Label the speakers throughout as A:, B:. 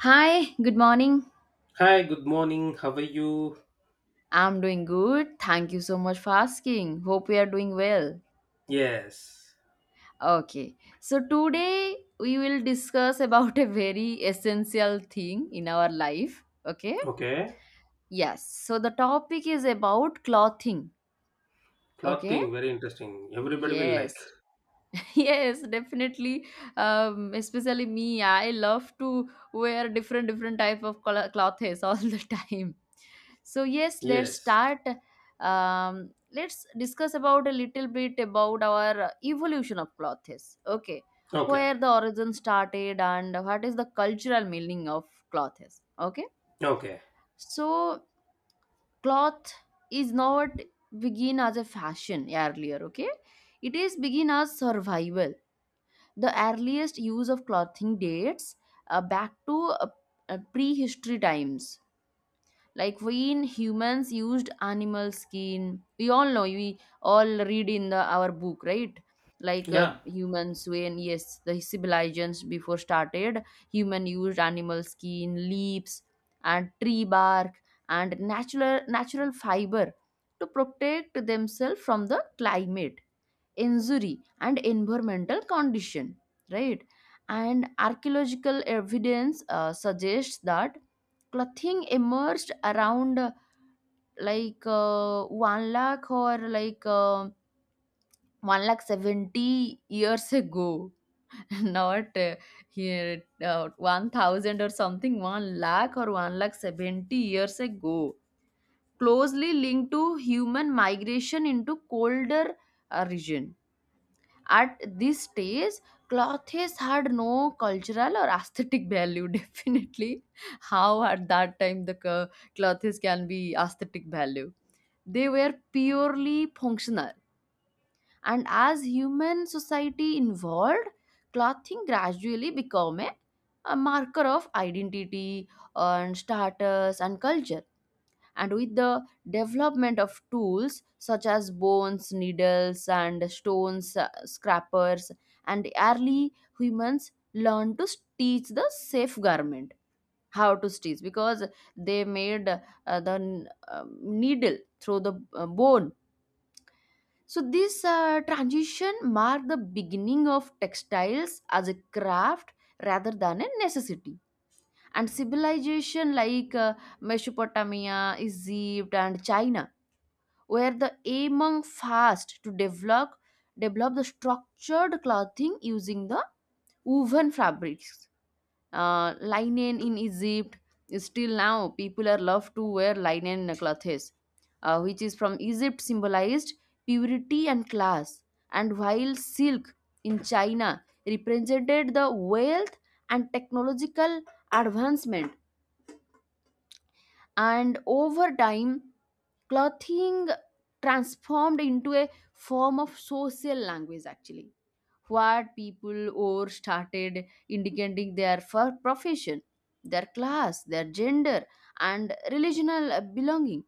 A: Hi, good morning.
B: Hi, good morning. How are you?
A: I'm doing good. Thank you so much for asking. Hope you are doing well.
B: Yes.
A: Okay. So today we will discuss about a very essential thing in our life, okay?
B: Okay.
A: Yes. So the topic is about clothing, okay?
B: Clothing, very interesting. Everybody will like.
A: Yes. Yes, definitely. Especially me, I love to wear different different type of clothes all the time. So yes, let's
B: Yes.
A: start. Let's discuss about a little bit about our evolution of clothes. Okay,
B: Okay.
A: where the origin started and what is the cultural meaning of clothes. Okay,
B: Okay.
A: so cloth is not begin as a fashion earlier. Okay, it is begin as survival. The earliest use of clothing dates back to uh, prehistory times. Like when humans used animal skin, we all know, we all read in our book, right? Like
B: Yeah.
A: humans, when yes, the civilizations before started, human used animal skin, leaves, and tree bark, and natural fiber to protect themselves from the climate injury and environmental condition, right. And archaeological evidence suggests that clothing emerged around like 1 lakh or like 1 lakh 70 years ago, not here 1,000 or something, 1 lakh or 1 lakh 70 years ago, closely linked to human migration into colder region. At this stage, cloth has had no cultural or aesthetic value. Definitely, how at that time the clothes can be aesthetic value? They were purely functional. And as human society evolved, clothing gradually became a marker of identity and status and culture, and with the development of tools such as bones needles and stones scrappers, and early humans learned to stitch the safe garment, how to stitch, because they made the needle through the bone. So this transition marked the beginning of textiles as a craft rather than a necessity. And civilization like Mesopotamia, Egypt, and China where the among fast to develop the structured clothing using the woven fabrics. Linen in Egypt, still now people are love to wear linen clothes, which is from Egypt, symbolized purity and class, and while silk in China represented the wealth and technological advancement. And over time clothing transformed into a form of social language, actually what people or started indicating their profession, their class, their gender, and relational belonging.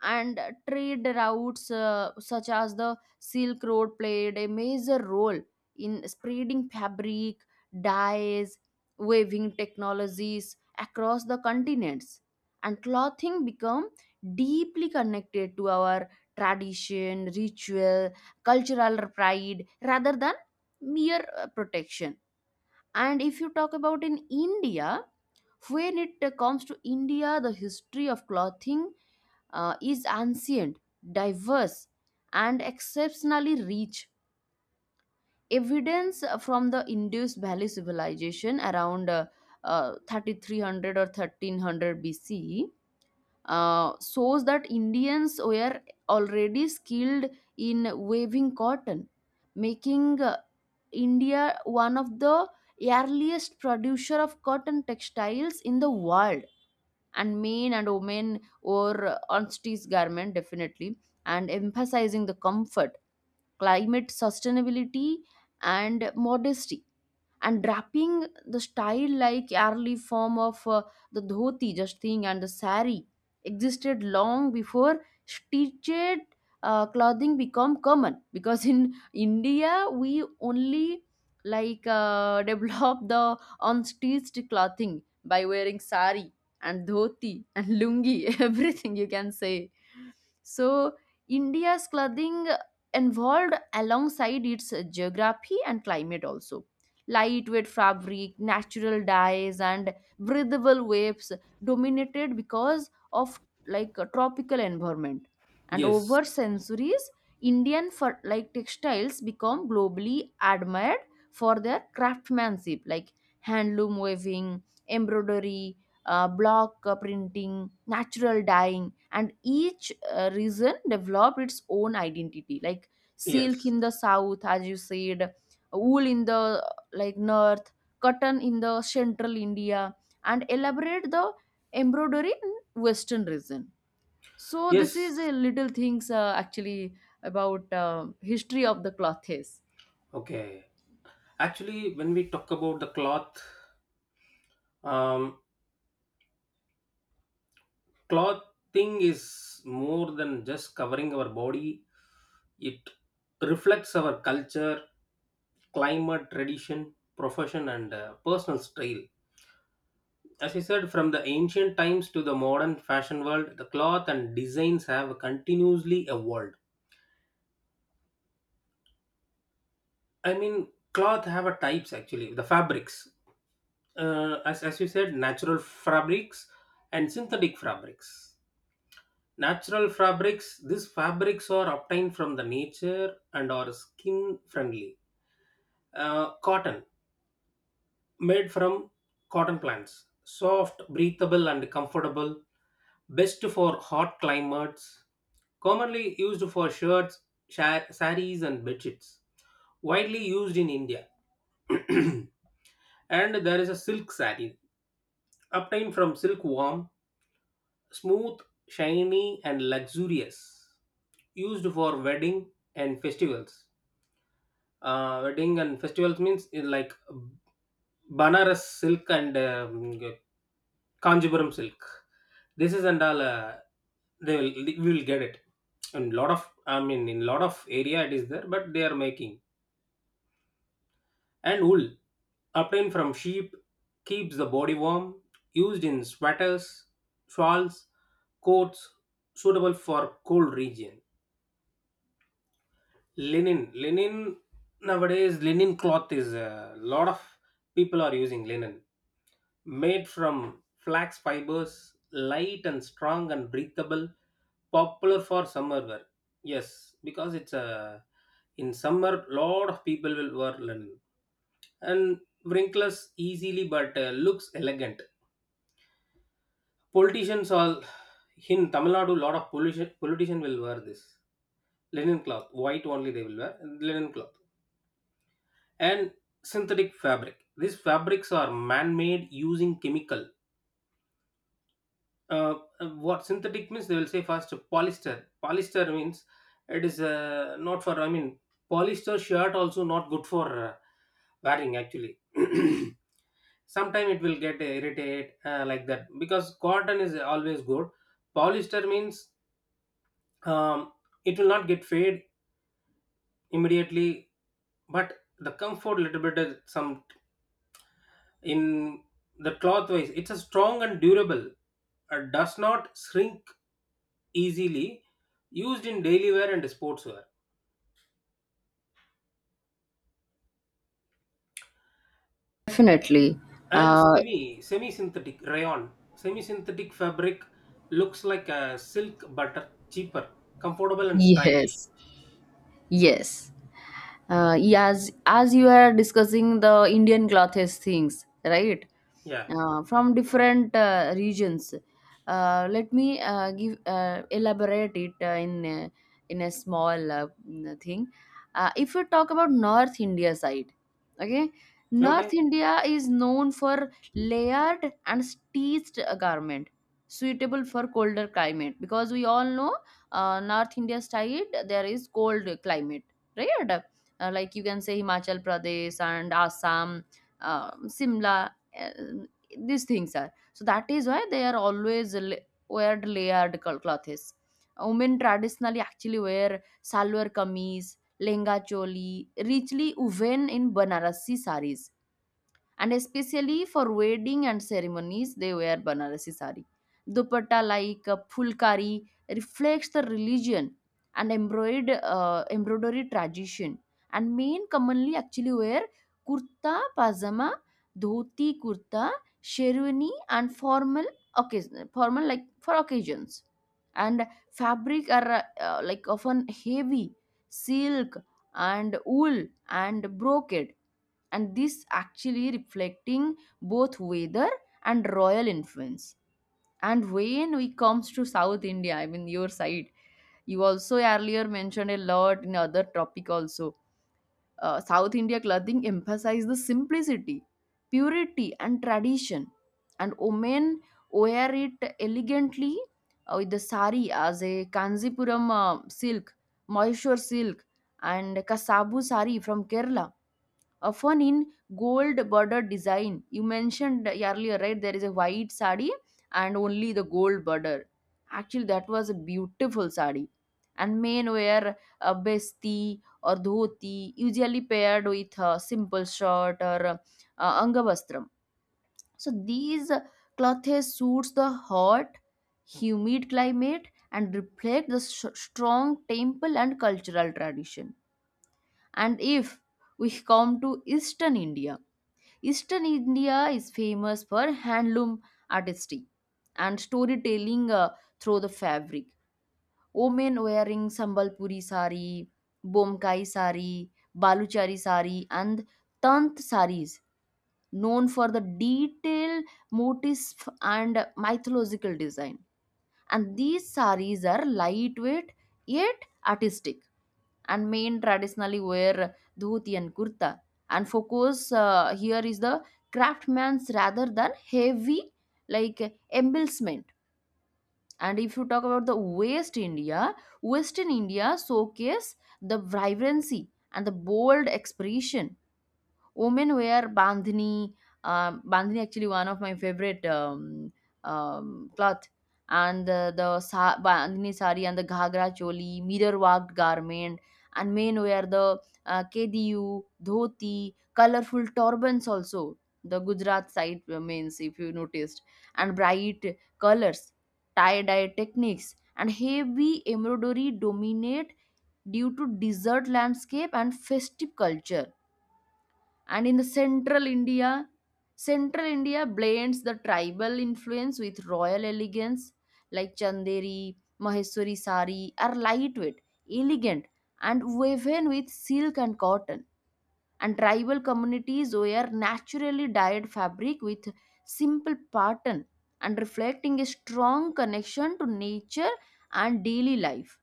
A: And trade routes such as the Silk Road played a major role in spreading fabric, dyes, weaving technologies across the continents. And clothing become deeply connected to our tradition, ritual, cultural pride rather than mere protection. And if you talk about in India, when it comes to India, the history of clothing is ancient, diverse, and exceptionally rich. Evidence from the Indus Valley civilization around 3300 or 1300 BC shows that Indians were already skilled in weaving cotton, making India one of the earliest producer of cotton textiles in the world. And men and women wore ostrich garment, definitely, and emphasizing the comfort, climate sustainability, and modesty. And wrapping the style like early form of the dhoti just thing and the sari existed long before stitched clothing become common because in India we only like develop the unstitched clothing by wearing sari and dhoti and lungi. Everything you can say. So India's clothing evolved alongside its geography and climate also. Lightweight fabric, natural dyes, and breathable waves dominated because of like a tropical environment. And
B: Yes.
A: over centuries, Indian for like textiles become globally admired for their craftsmanship, like handloom weaving, embroidery, block printing, natural dyeing, and each region developed its own identity. Like silk
B: Yes.
A: in the south, as you said, wool in the like north, cotton in the central India, and elaborate the embroidery in western region. So this
B: Yes.
A: is a little things actually about history of the clothes.
B: Okay. Actually, when we talk about the cloth, um, clothing is more than just covering our body. It reflects our culture, climate, tradition, profession, and personal style. As you said, from the ancient times to the modern fashion world, the cloth and designs have continuously evolved. I mean, cloth have a types actually, the fabrics. As you said, natural fabrics and synthetic fabrics. Natural fabrics, these fabrics are obtained from the nature and are skin friendly. Cotton, made from cotton plants. Soft, breathable, and comfortable. Best for hot climates commonly used for shirts, saris, and bedsheets. Widely used in India. And there is a silk sari, obtained from silkworm, smooth, shiny, and luxurious. Used for wedding and festivals. Wedding and festivals means in like Banaras silk and Kanjipuram silk. This is and all. They will we will get it in lot of in lot of area it is there but they are making and wool obtained from sheep keeps the body warm, used in sweaters, shawls, coats suitable for cold region. Linen nowadays linen cloth is a lot of people are using linen made from flax fibers, light and strong and breathable, popular for summer wear. Yes, because it's a in summer lot of people will wear linen and wrinkles easily but looks elegant. Politicians all in Tamil Nadu, lot of politician will wear this linen cloth, white only they will wear linen cloth and synthetic fabric. These fabrics are man-made using chemical. What synthetic means? They will say first polyester. Polyester means it is not for. I mean, polyester shirt also not good for wearing actually. Sometimes it will get irritate like that because cotton is always good. Polyester means um, it will not get fade immediately, but the comfort little bit is some in the cloth wise. It's a strong and durable. Does not shrink easily. Used in daily wear and sportswear
A: Definitely,
B: and
A: uh,
B: semi synthetic rayon. Semi synthetic fabric looks like a silk but cheaper, comfortable and stylish.
A: yes, yes. As you are discussing the Indian clothes things, right,
B: Yeah.
A: from different regions, let me give elaborate it in a small thing. If you talk about north India side, okay, north
B: Okay.
A: India is known for layered and stitched garment suitable for colder climate because we all know north India side there is cold climate, right. Like you can say Himachal Pradesh and Assam, Simla, uh, these things are. So that is why they are always wear layered clothes. Women traditionally actually wear salwar kameez, lenga choli, richly woven in Banarasi saris, and especially for wedding and ceremonies they wear Banarasi sari dupatta like a fulkari, reflects the religion and embroidered embroidery tradition. And men commonly actually wear kurta pajama, dhoti kurta, sherwani, and formal occasion, formal like for occasions. And fabric are like often heavy silk and wool and brocade, and this actually reflecting both weather and royal influence. And when we comes to south India, I mean your side, you also earlier mentioned a lot in other topic also. South India clothing emphasize the simplicity, purity, and tradition. And women wear it elegantly with the sari as a Kanzipuram silk, Mysore silk, and Kasabu sari from Kerala, often in gold border design. You mentioned earlier, right? There is a white sari and only the gold border. Actually, that was a beautiful sari. And men wear a besti or dhoti, usually paired with a simple shirt or angavastram. So these clothes suits the hot, humid climate and reflect the s strong temple and cultural tradition. And if we come to Eastern India, Eastern India is famous for handloom artistry and storytelling through the fabric. Women wearing Sambalpuri sari, Bomkai sari, Baluchari sari, and Tant saris, known for the detailed motifs and mythological design. And these saris are lightweight yet artistic, and men traditionally wear dhoti and kurta. And focus here is the craftsman's rather than heavy like embellishment. And if you talk about the West India, Western India showcase the vibrancy and the bold expression. Women wear bandhani, bandhani actually one of my favorite cloth, and the bandhani sari and the ghagra choli mirror worked garment. And men wear the kediu, dhoti, colorful turbans also, the Gujarat side means if you noticed. And bright colors, tie dye techniques, and heavy embroidery dominate due to desert landscape and festive culture. And in the central India, central India blends the tribal influence with royal elegance, like chanderi, maheswari sari are lightweight, elegant, and woven with silk and cotton. And tribal communities wear naturally dyed fabric with simple pattern and reflecting a strong connection to nature and daily life.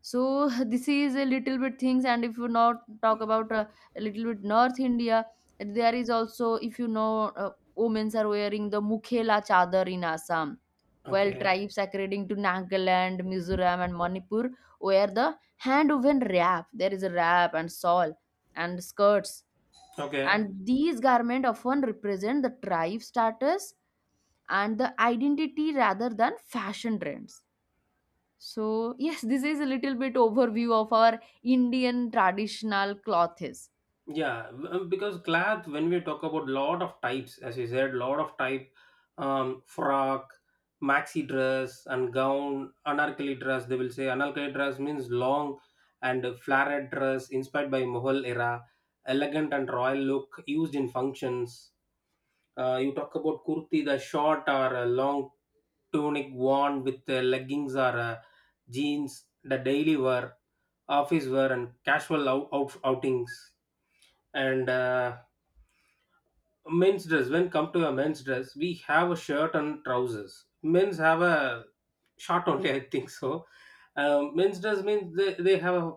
A: So this is a little bit things, and if you not talk about a little bit north India, there is also if you know women are wearing the mukhela chadar in Assam, while
B: Okay.
A: tribes according to Nagaland, Mizoram, and Manipur wear the hand woven wrap, there is a wrap and shawl and skirts.
B: Okay.
A: And these garment often represent the tribe status and the identity rather than fashion trends. So, yes, this is a little bit overview of our Indian traditional clothes.
B: Because cloth, when we talk about lot of types, as you said, lot of type, frock, maxi dress, and gown, anarkali dress. They will say anarkali dress means long and flared dress inspired by Mughal era, elegant and royal look used in functions. You talk about kurti, the short or a long tunic worn with leggings or jeans, the daily wear, office wear, and casual outings. And men's dress, when come to a men's dress, we have a shirt and trousers. Men's have a short only, I think so. Men's dress means they have, a,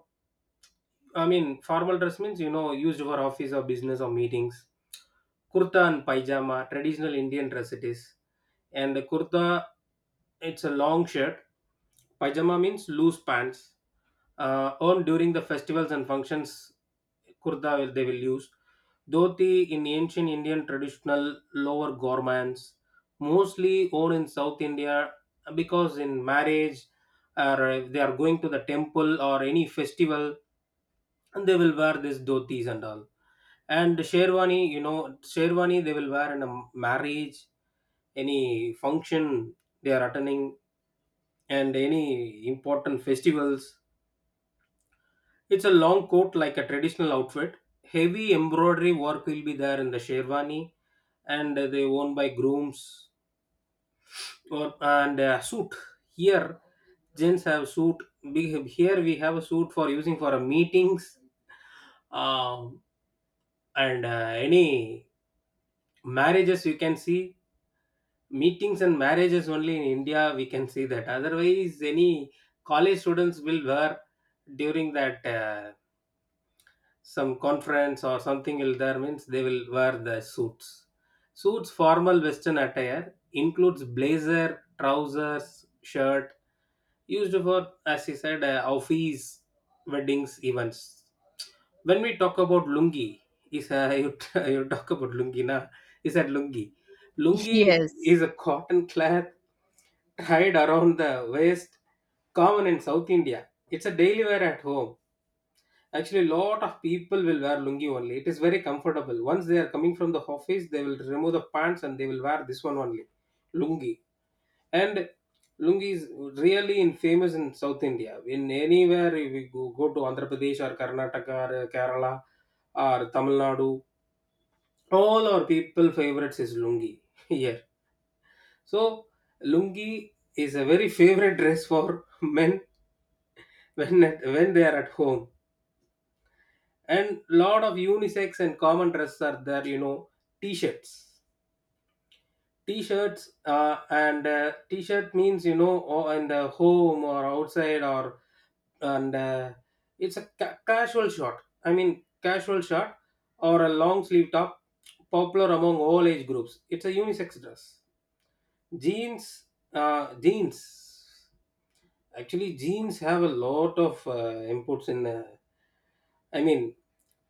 B: I mean, formal dress means, used for office or business or meetings. Kurta and pajama, traditional Indian dress it is and kurta it's a long shirt pajama means loose pants earned during the festivals and functions kurta will, they will use dhoti in ancient Indian traditional lower garments, mostly worn in South India because in marriage or if they are going to the temple or any festival and they will wear these dhotis and all and sherwani you know sherwani they will wear in a marriage any function they are attending and any important festivals it's a long coat like a traditional outfit heavy embroidery work will be there in the sherwani and they worn by grooms or and suit here gents have suit we have, here we have a suit for using for meetings um, and any marriages you can see meetings and marriages only in India we can see that. Otherwise, any college students will wear during that some conference or something will there means they will wear the suits. Suits formal Western attire includes blazer, trousers, shirt used for as you said office, weddings, events. When we talk about lungi, is a you talk about lungi na? Is that lungi? Lungi
A: Yes,
B: is a cotton cloth hide around the waist common in South India it's a daily wear at home actually a lot of people will wear lungi only it is very comfortable once they are coming from the office they will remove the pants and they will wear this one only lungi and lungi is really in famous in South India in anywhere if we go to Andhra Pradesh or Karnataka or Kerala or Tamil Nadu all our people favorites is lungi here so lungi is a very favorite dress for men when they are at home and lot of unisex and common dress are there you know t-shirts t-shirts and t-shirt means you know or in the home or outside or and it's a casual short. I mean casual short or a long sleeve top popular among all age groups it's a unisex dress jeans jeans actually, genes have a lot of inputs in. I mean,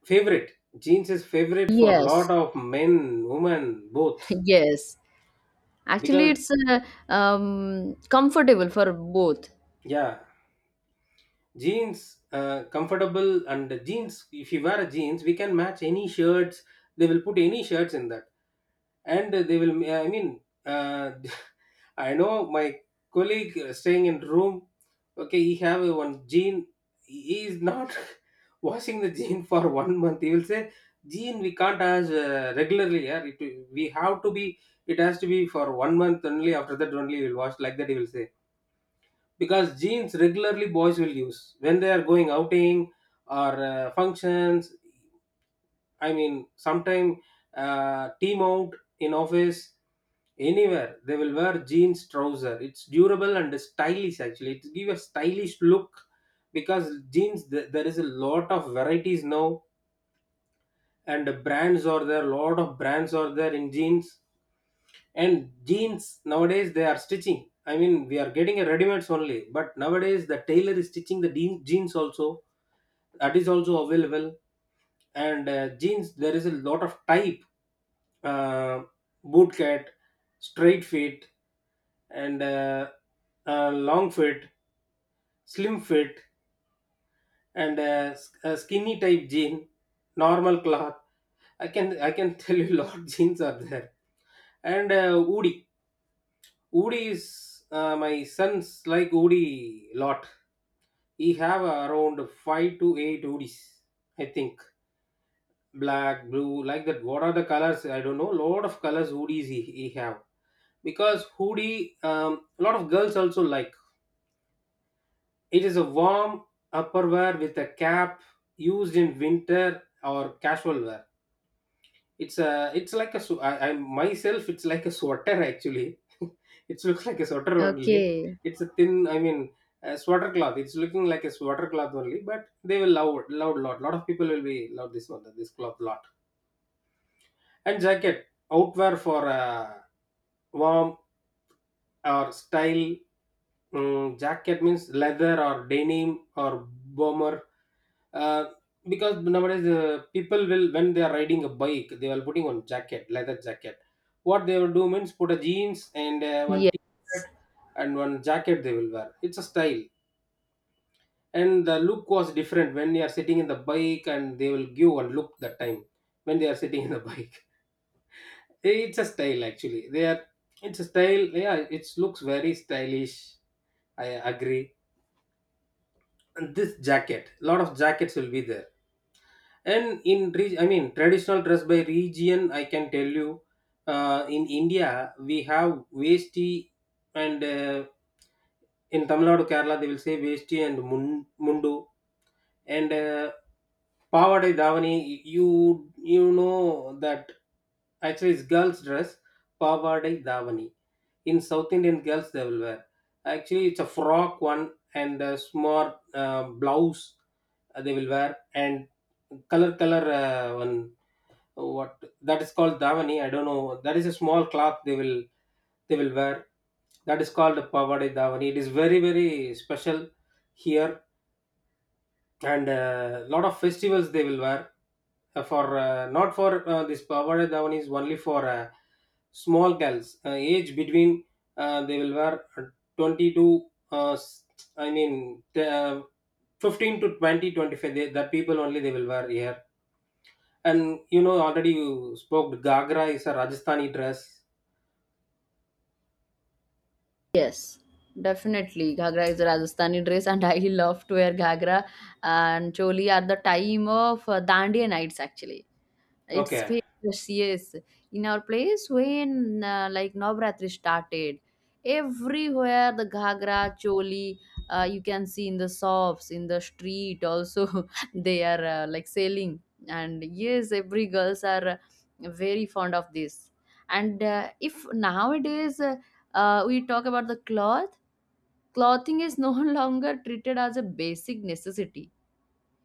B: favorite genes is favorite for a lot
A: yes,
B: of men, women, both.
A: yes. Actually,
B: Because
A: it's comfortable for both.
B: yeah, jeans comfortable and jeans if you wear a jeans we can match any shirts they will put any shirts in that and they will i mean uh, I know my colleague staying in room okay he have a one jean he is not washing the jean for one month he will say jean we can't as regularly yeah it, we have to be it has to be for one month only after that only we'll wash like that he will say because jeans regularly boys will use when they are going outing or functions I mean sometime team out in office anywhere they will wear jeans trouser it's durable and stylish actually it give a stylish look because jeans there is a lot of varieties now and brands are there lot of brands are there in jeans and jeans nowadays they are stitching I mean we are getting a ready mates only but nowadays the tailor is stitching the jeans also that is also available and jeans there is a lot of type uh, boot cut, straight fit and long fit slim fit and skinny type jean normal cloth I can tell you lot jeans are there and woody. Woody is my sons like Woody lot. He have around five to eight Woodies, I think. Black, blue, like that. What are the colors? I don't know. Lot of colors Woodies he have because hoodie a lot of girls also like. It is a warm upper wear with a cap used in winter or casual wear. It's a it's like a I myself it's like a sweater actually. it looks like a sweater only.
A: Okay.
B: It's a thin I mean a sweater cloth. It's looking like a sweater cloth only, but they will love lot. Lot of people will be love this one this cloth lot. And jacket outwear for warm or style. Jacket means leather or denim or bomber uh, because nowadays people will when they are riding a bike they are putting on jacket leather jacket what they will do means put a jeans and one
A: Yes,
B: t-shirt and one jacket they will wear it's a style and the look was different when you are sitting in the bike and they will give one look that time when they are sitting in the bike it's a style actually they are it's a style yeah it looks very stylish I agree and this jacket lot of jackets will be there and in I mean traditional dress by region I can tell you in India we have vesti and in Tamil Nadu Kerala they will say vesti and mundu and pavadai davani you you know that actually it's girls dress pavadai davani in south Indian girls they will wear actually it's a frock one and a small blouse they will wear and color color one what that is called davani I don't know that is a small cloth they will wear that is called pavadai davani it is very very special here and a lot of festivals they will wear for not for this pavada dhawan is only for small girls age between they will wear 20 to i mean uh, 15 to twenty twenty five. They, that people only they will wear here and you know already you spoke gagra is a rajasthani dress.
A: yes, definitely. Ghagra is a Rajasthani dress, and I love to wear Ghagra and choli at the time of Dandiya nights, actually. It's
B: Okay.
A: famous, yes. In our place, when like Navratri started, everywhere the ghagra, choli, you can see in the shops, in the street also, they are like selling. And yes, every girls are very fond of this. And if nowadays we talk about the cloth, clothing is no longer treated as a basic necessity.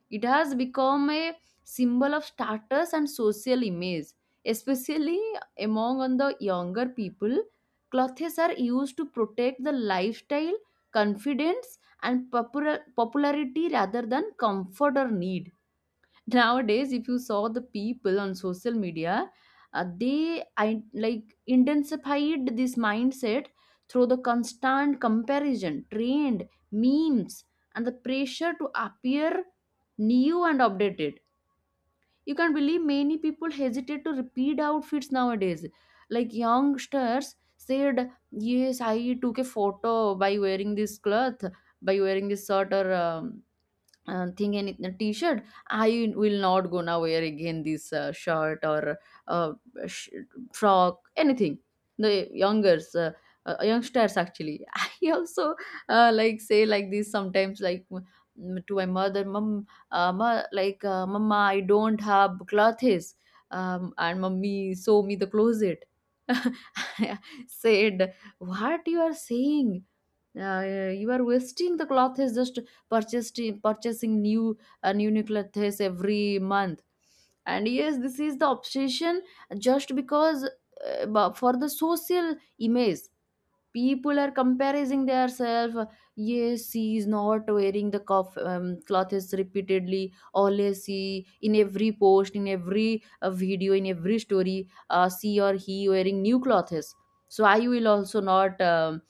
A: It has become a symbol of status and social image, especially among on the younger people. Clothes are used to protect the lifestyle, confidence, and popularity rather than comfort or need. Nowadays, if you saw the people on social media, they, like, intensified this mindset through the constant comparison, trend, memes, and the pressure to appear new and updated. You can believe many people hesitate to repeat outfits nowadays. Like, youngsters said, yes, I took a photo by wearing this cloth, by wearing this sort, or thing, and t-shirt, I will not gonna wear again this shirt, or uh, sh- frock, anything. The youngers, youngsters actually I also like say like this sometimes, like, to my mother mom, ma, like mama, I don't have clothes. Um, and mommy sew me the closet. Said, what you are saying, you are wasting the cloth, is just purchasing new, new clothes every month. And yes, this is the obsession, just because, for the social image, people are comparing themselves. Yes, she is not wearing the cuff clothes repeatedly, always she, in every post, in every video, in every story, she or he wearing new clothes. So I will also not um,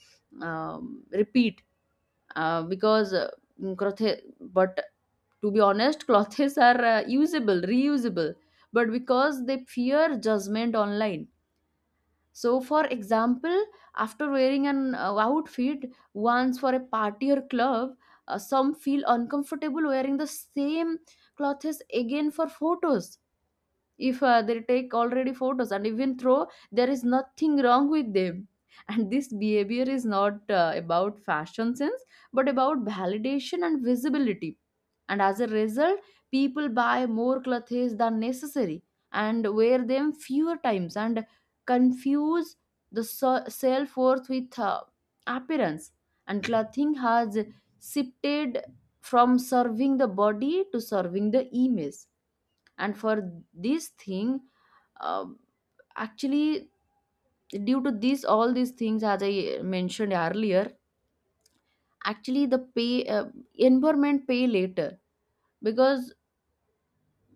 A: um, repeat, uh, because uh, crothe- but, to be honest, clothes are usable, reusable, but because they fear judgment online. So, for example, after wearing an outfit once for a party or club, some feel uncomfortable wearing the same clothes again for photos, if they take already photos, and even though there is nothing wrong with them. And this behavior is not about fashion sense, but about validation and visibility. And as a result, people buy more clothes than necessary and wear them fewer times, and confuse the self-worth with appearance, and clothing has shifted from serving the body to serving the image. And for this thing, uh, actually, due to this, all these things, as I mentioned earlier, actually, the pay environment pay later, because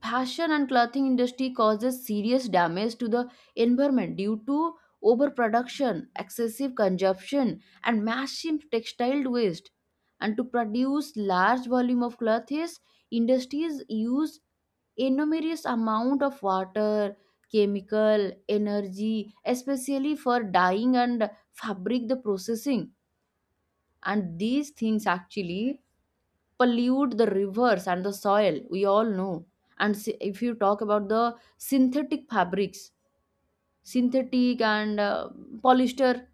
A: fashion and clothing industry causes serious damage to the environment due to overproduction, excessive consumption, and massive textile waste. And to produce large volume of clothes, industries use enormous amount of water, chemical, energy, especially for dyeing and fabric the processing. And these things actually pollute the rivers and the soil, we all know. And if you talk about the synthetic fabrics, synthetic and polyester,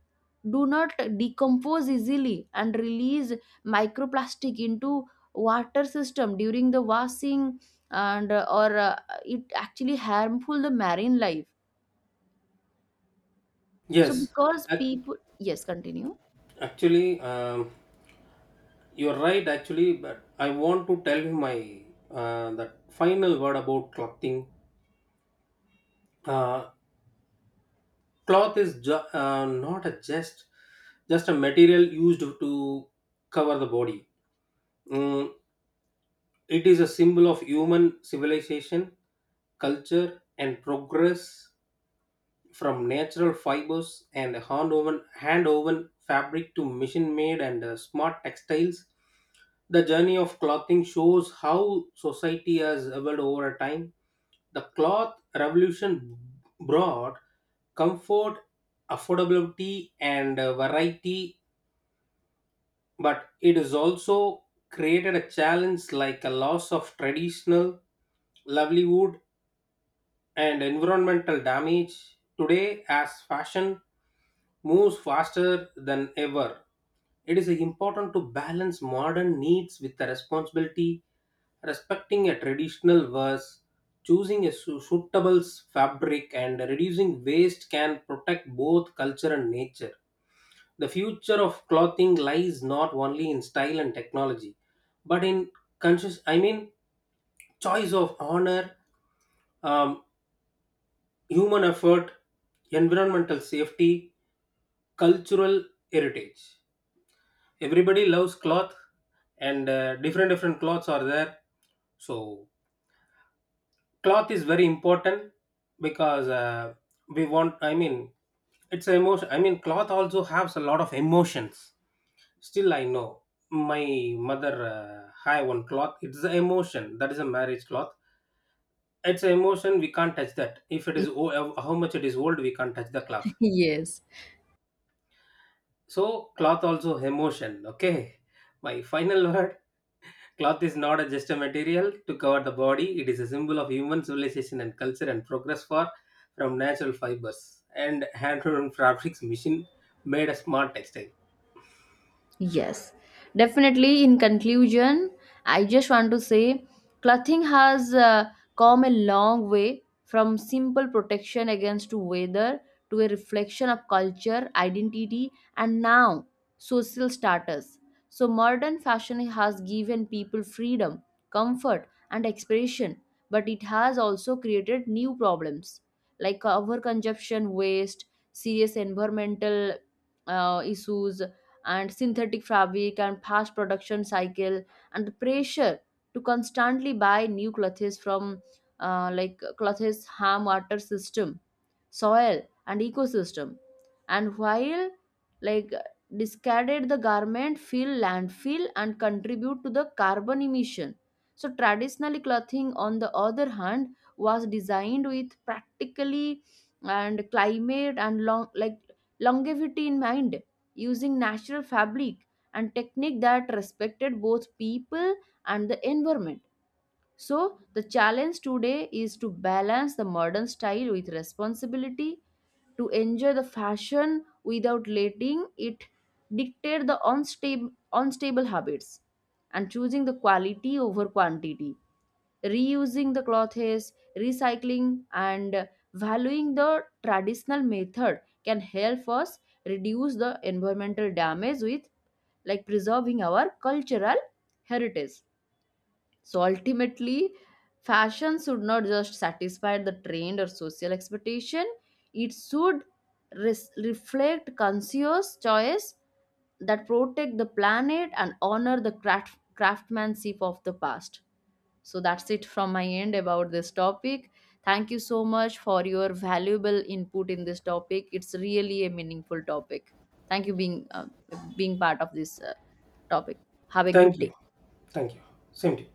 A: do not decompose easily and release microplastic into water system during the washing. And or it actually harmful the marine life. So
B: Yes.
A: because
B: Ac-
A: people, yes, continue.
B: actually you're right, actually, but I want to tell you my that final word about clothing. Uh, Cloth is not a just a material used to cover the body. Mm, it is a symbol of human civilization, culture, and progress from natural fibers and hand woven fabric to machine made and smart textiles. The journey of clothing shows how society has evolved over a time. The cloth revolution brought comfort, affordability, and variety, but it has also created a challenge like a loss of traditional livelihood and environmental damage. Today, as fashion moves faster than ever, it is important to balance modern needs with the responsibility, respecting a traditional verse, choosing a suitable fabric, and reducing waste can protect both culture and nature. The future of clothing lies not only in style and technology, but in conscious, I mean, choice of honor, um, human effort, environmental safety, cultural heritage. Everybody loves cloth and different different cloths are there so cloth is very important because we want I mean it's a emotion I mean cloth also has a lot of emotions still I know my mother have one cloth it's an emotion that is a marriage cloth it's an emotion we can't touch that if it is how much it is old we can't touch the cloth
A: Yes.
B: so cloth also emotion okay my final word. Cloth is not a- just a material to cover the body, it is a symbol of human civilization and culture and progress For from natural fibers and hand woven fabrics machine made a smart textile.
A: Yes, definitely. In conclusion, I just want to say clothing has come a long way from simple protection against weather to a reflection of culture, identity, and now social status. So, modern fashion has given people freedom, comfort, and expression, but it has also created new problems like overconsumption, waste, serious environmental issues, and synthetic fabric and fast production cycle and the pressure to constantly buy new clothes from, like, clothes harm water system, soil, and ecosystem. And while, like, discarded the garment fill landfill and contribute to the carbon emission. So traditionally, clothing on the other hand was designed with practically and climate and longevity in mind, using natural fabric and technique that respected both people and the environment. So the challenge today is to balance the modern style with responsibility, to enjoy the fashion without letting it dictate the unstable habits, and choosing the quality over quantity, reusing the clothes, recycling, and valuing the traditional method can help us reduce the environmental damage with, like, preserving our cultural heritage. So ultimately, fashion should not just satisfy the trend or social expectation, it should reflect conscious choice that protect the planet and honor the craftsmanship of the past. So that's it from my end about this topic. Thank you so much for your valuable input in this topic. It's really a meaningful topic. Thank you being being part of this topic. Have a
B: Thank
A: good
B: you.
A: day.
B: Thank you. Same to you.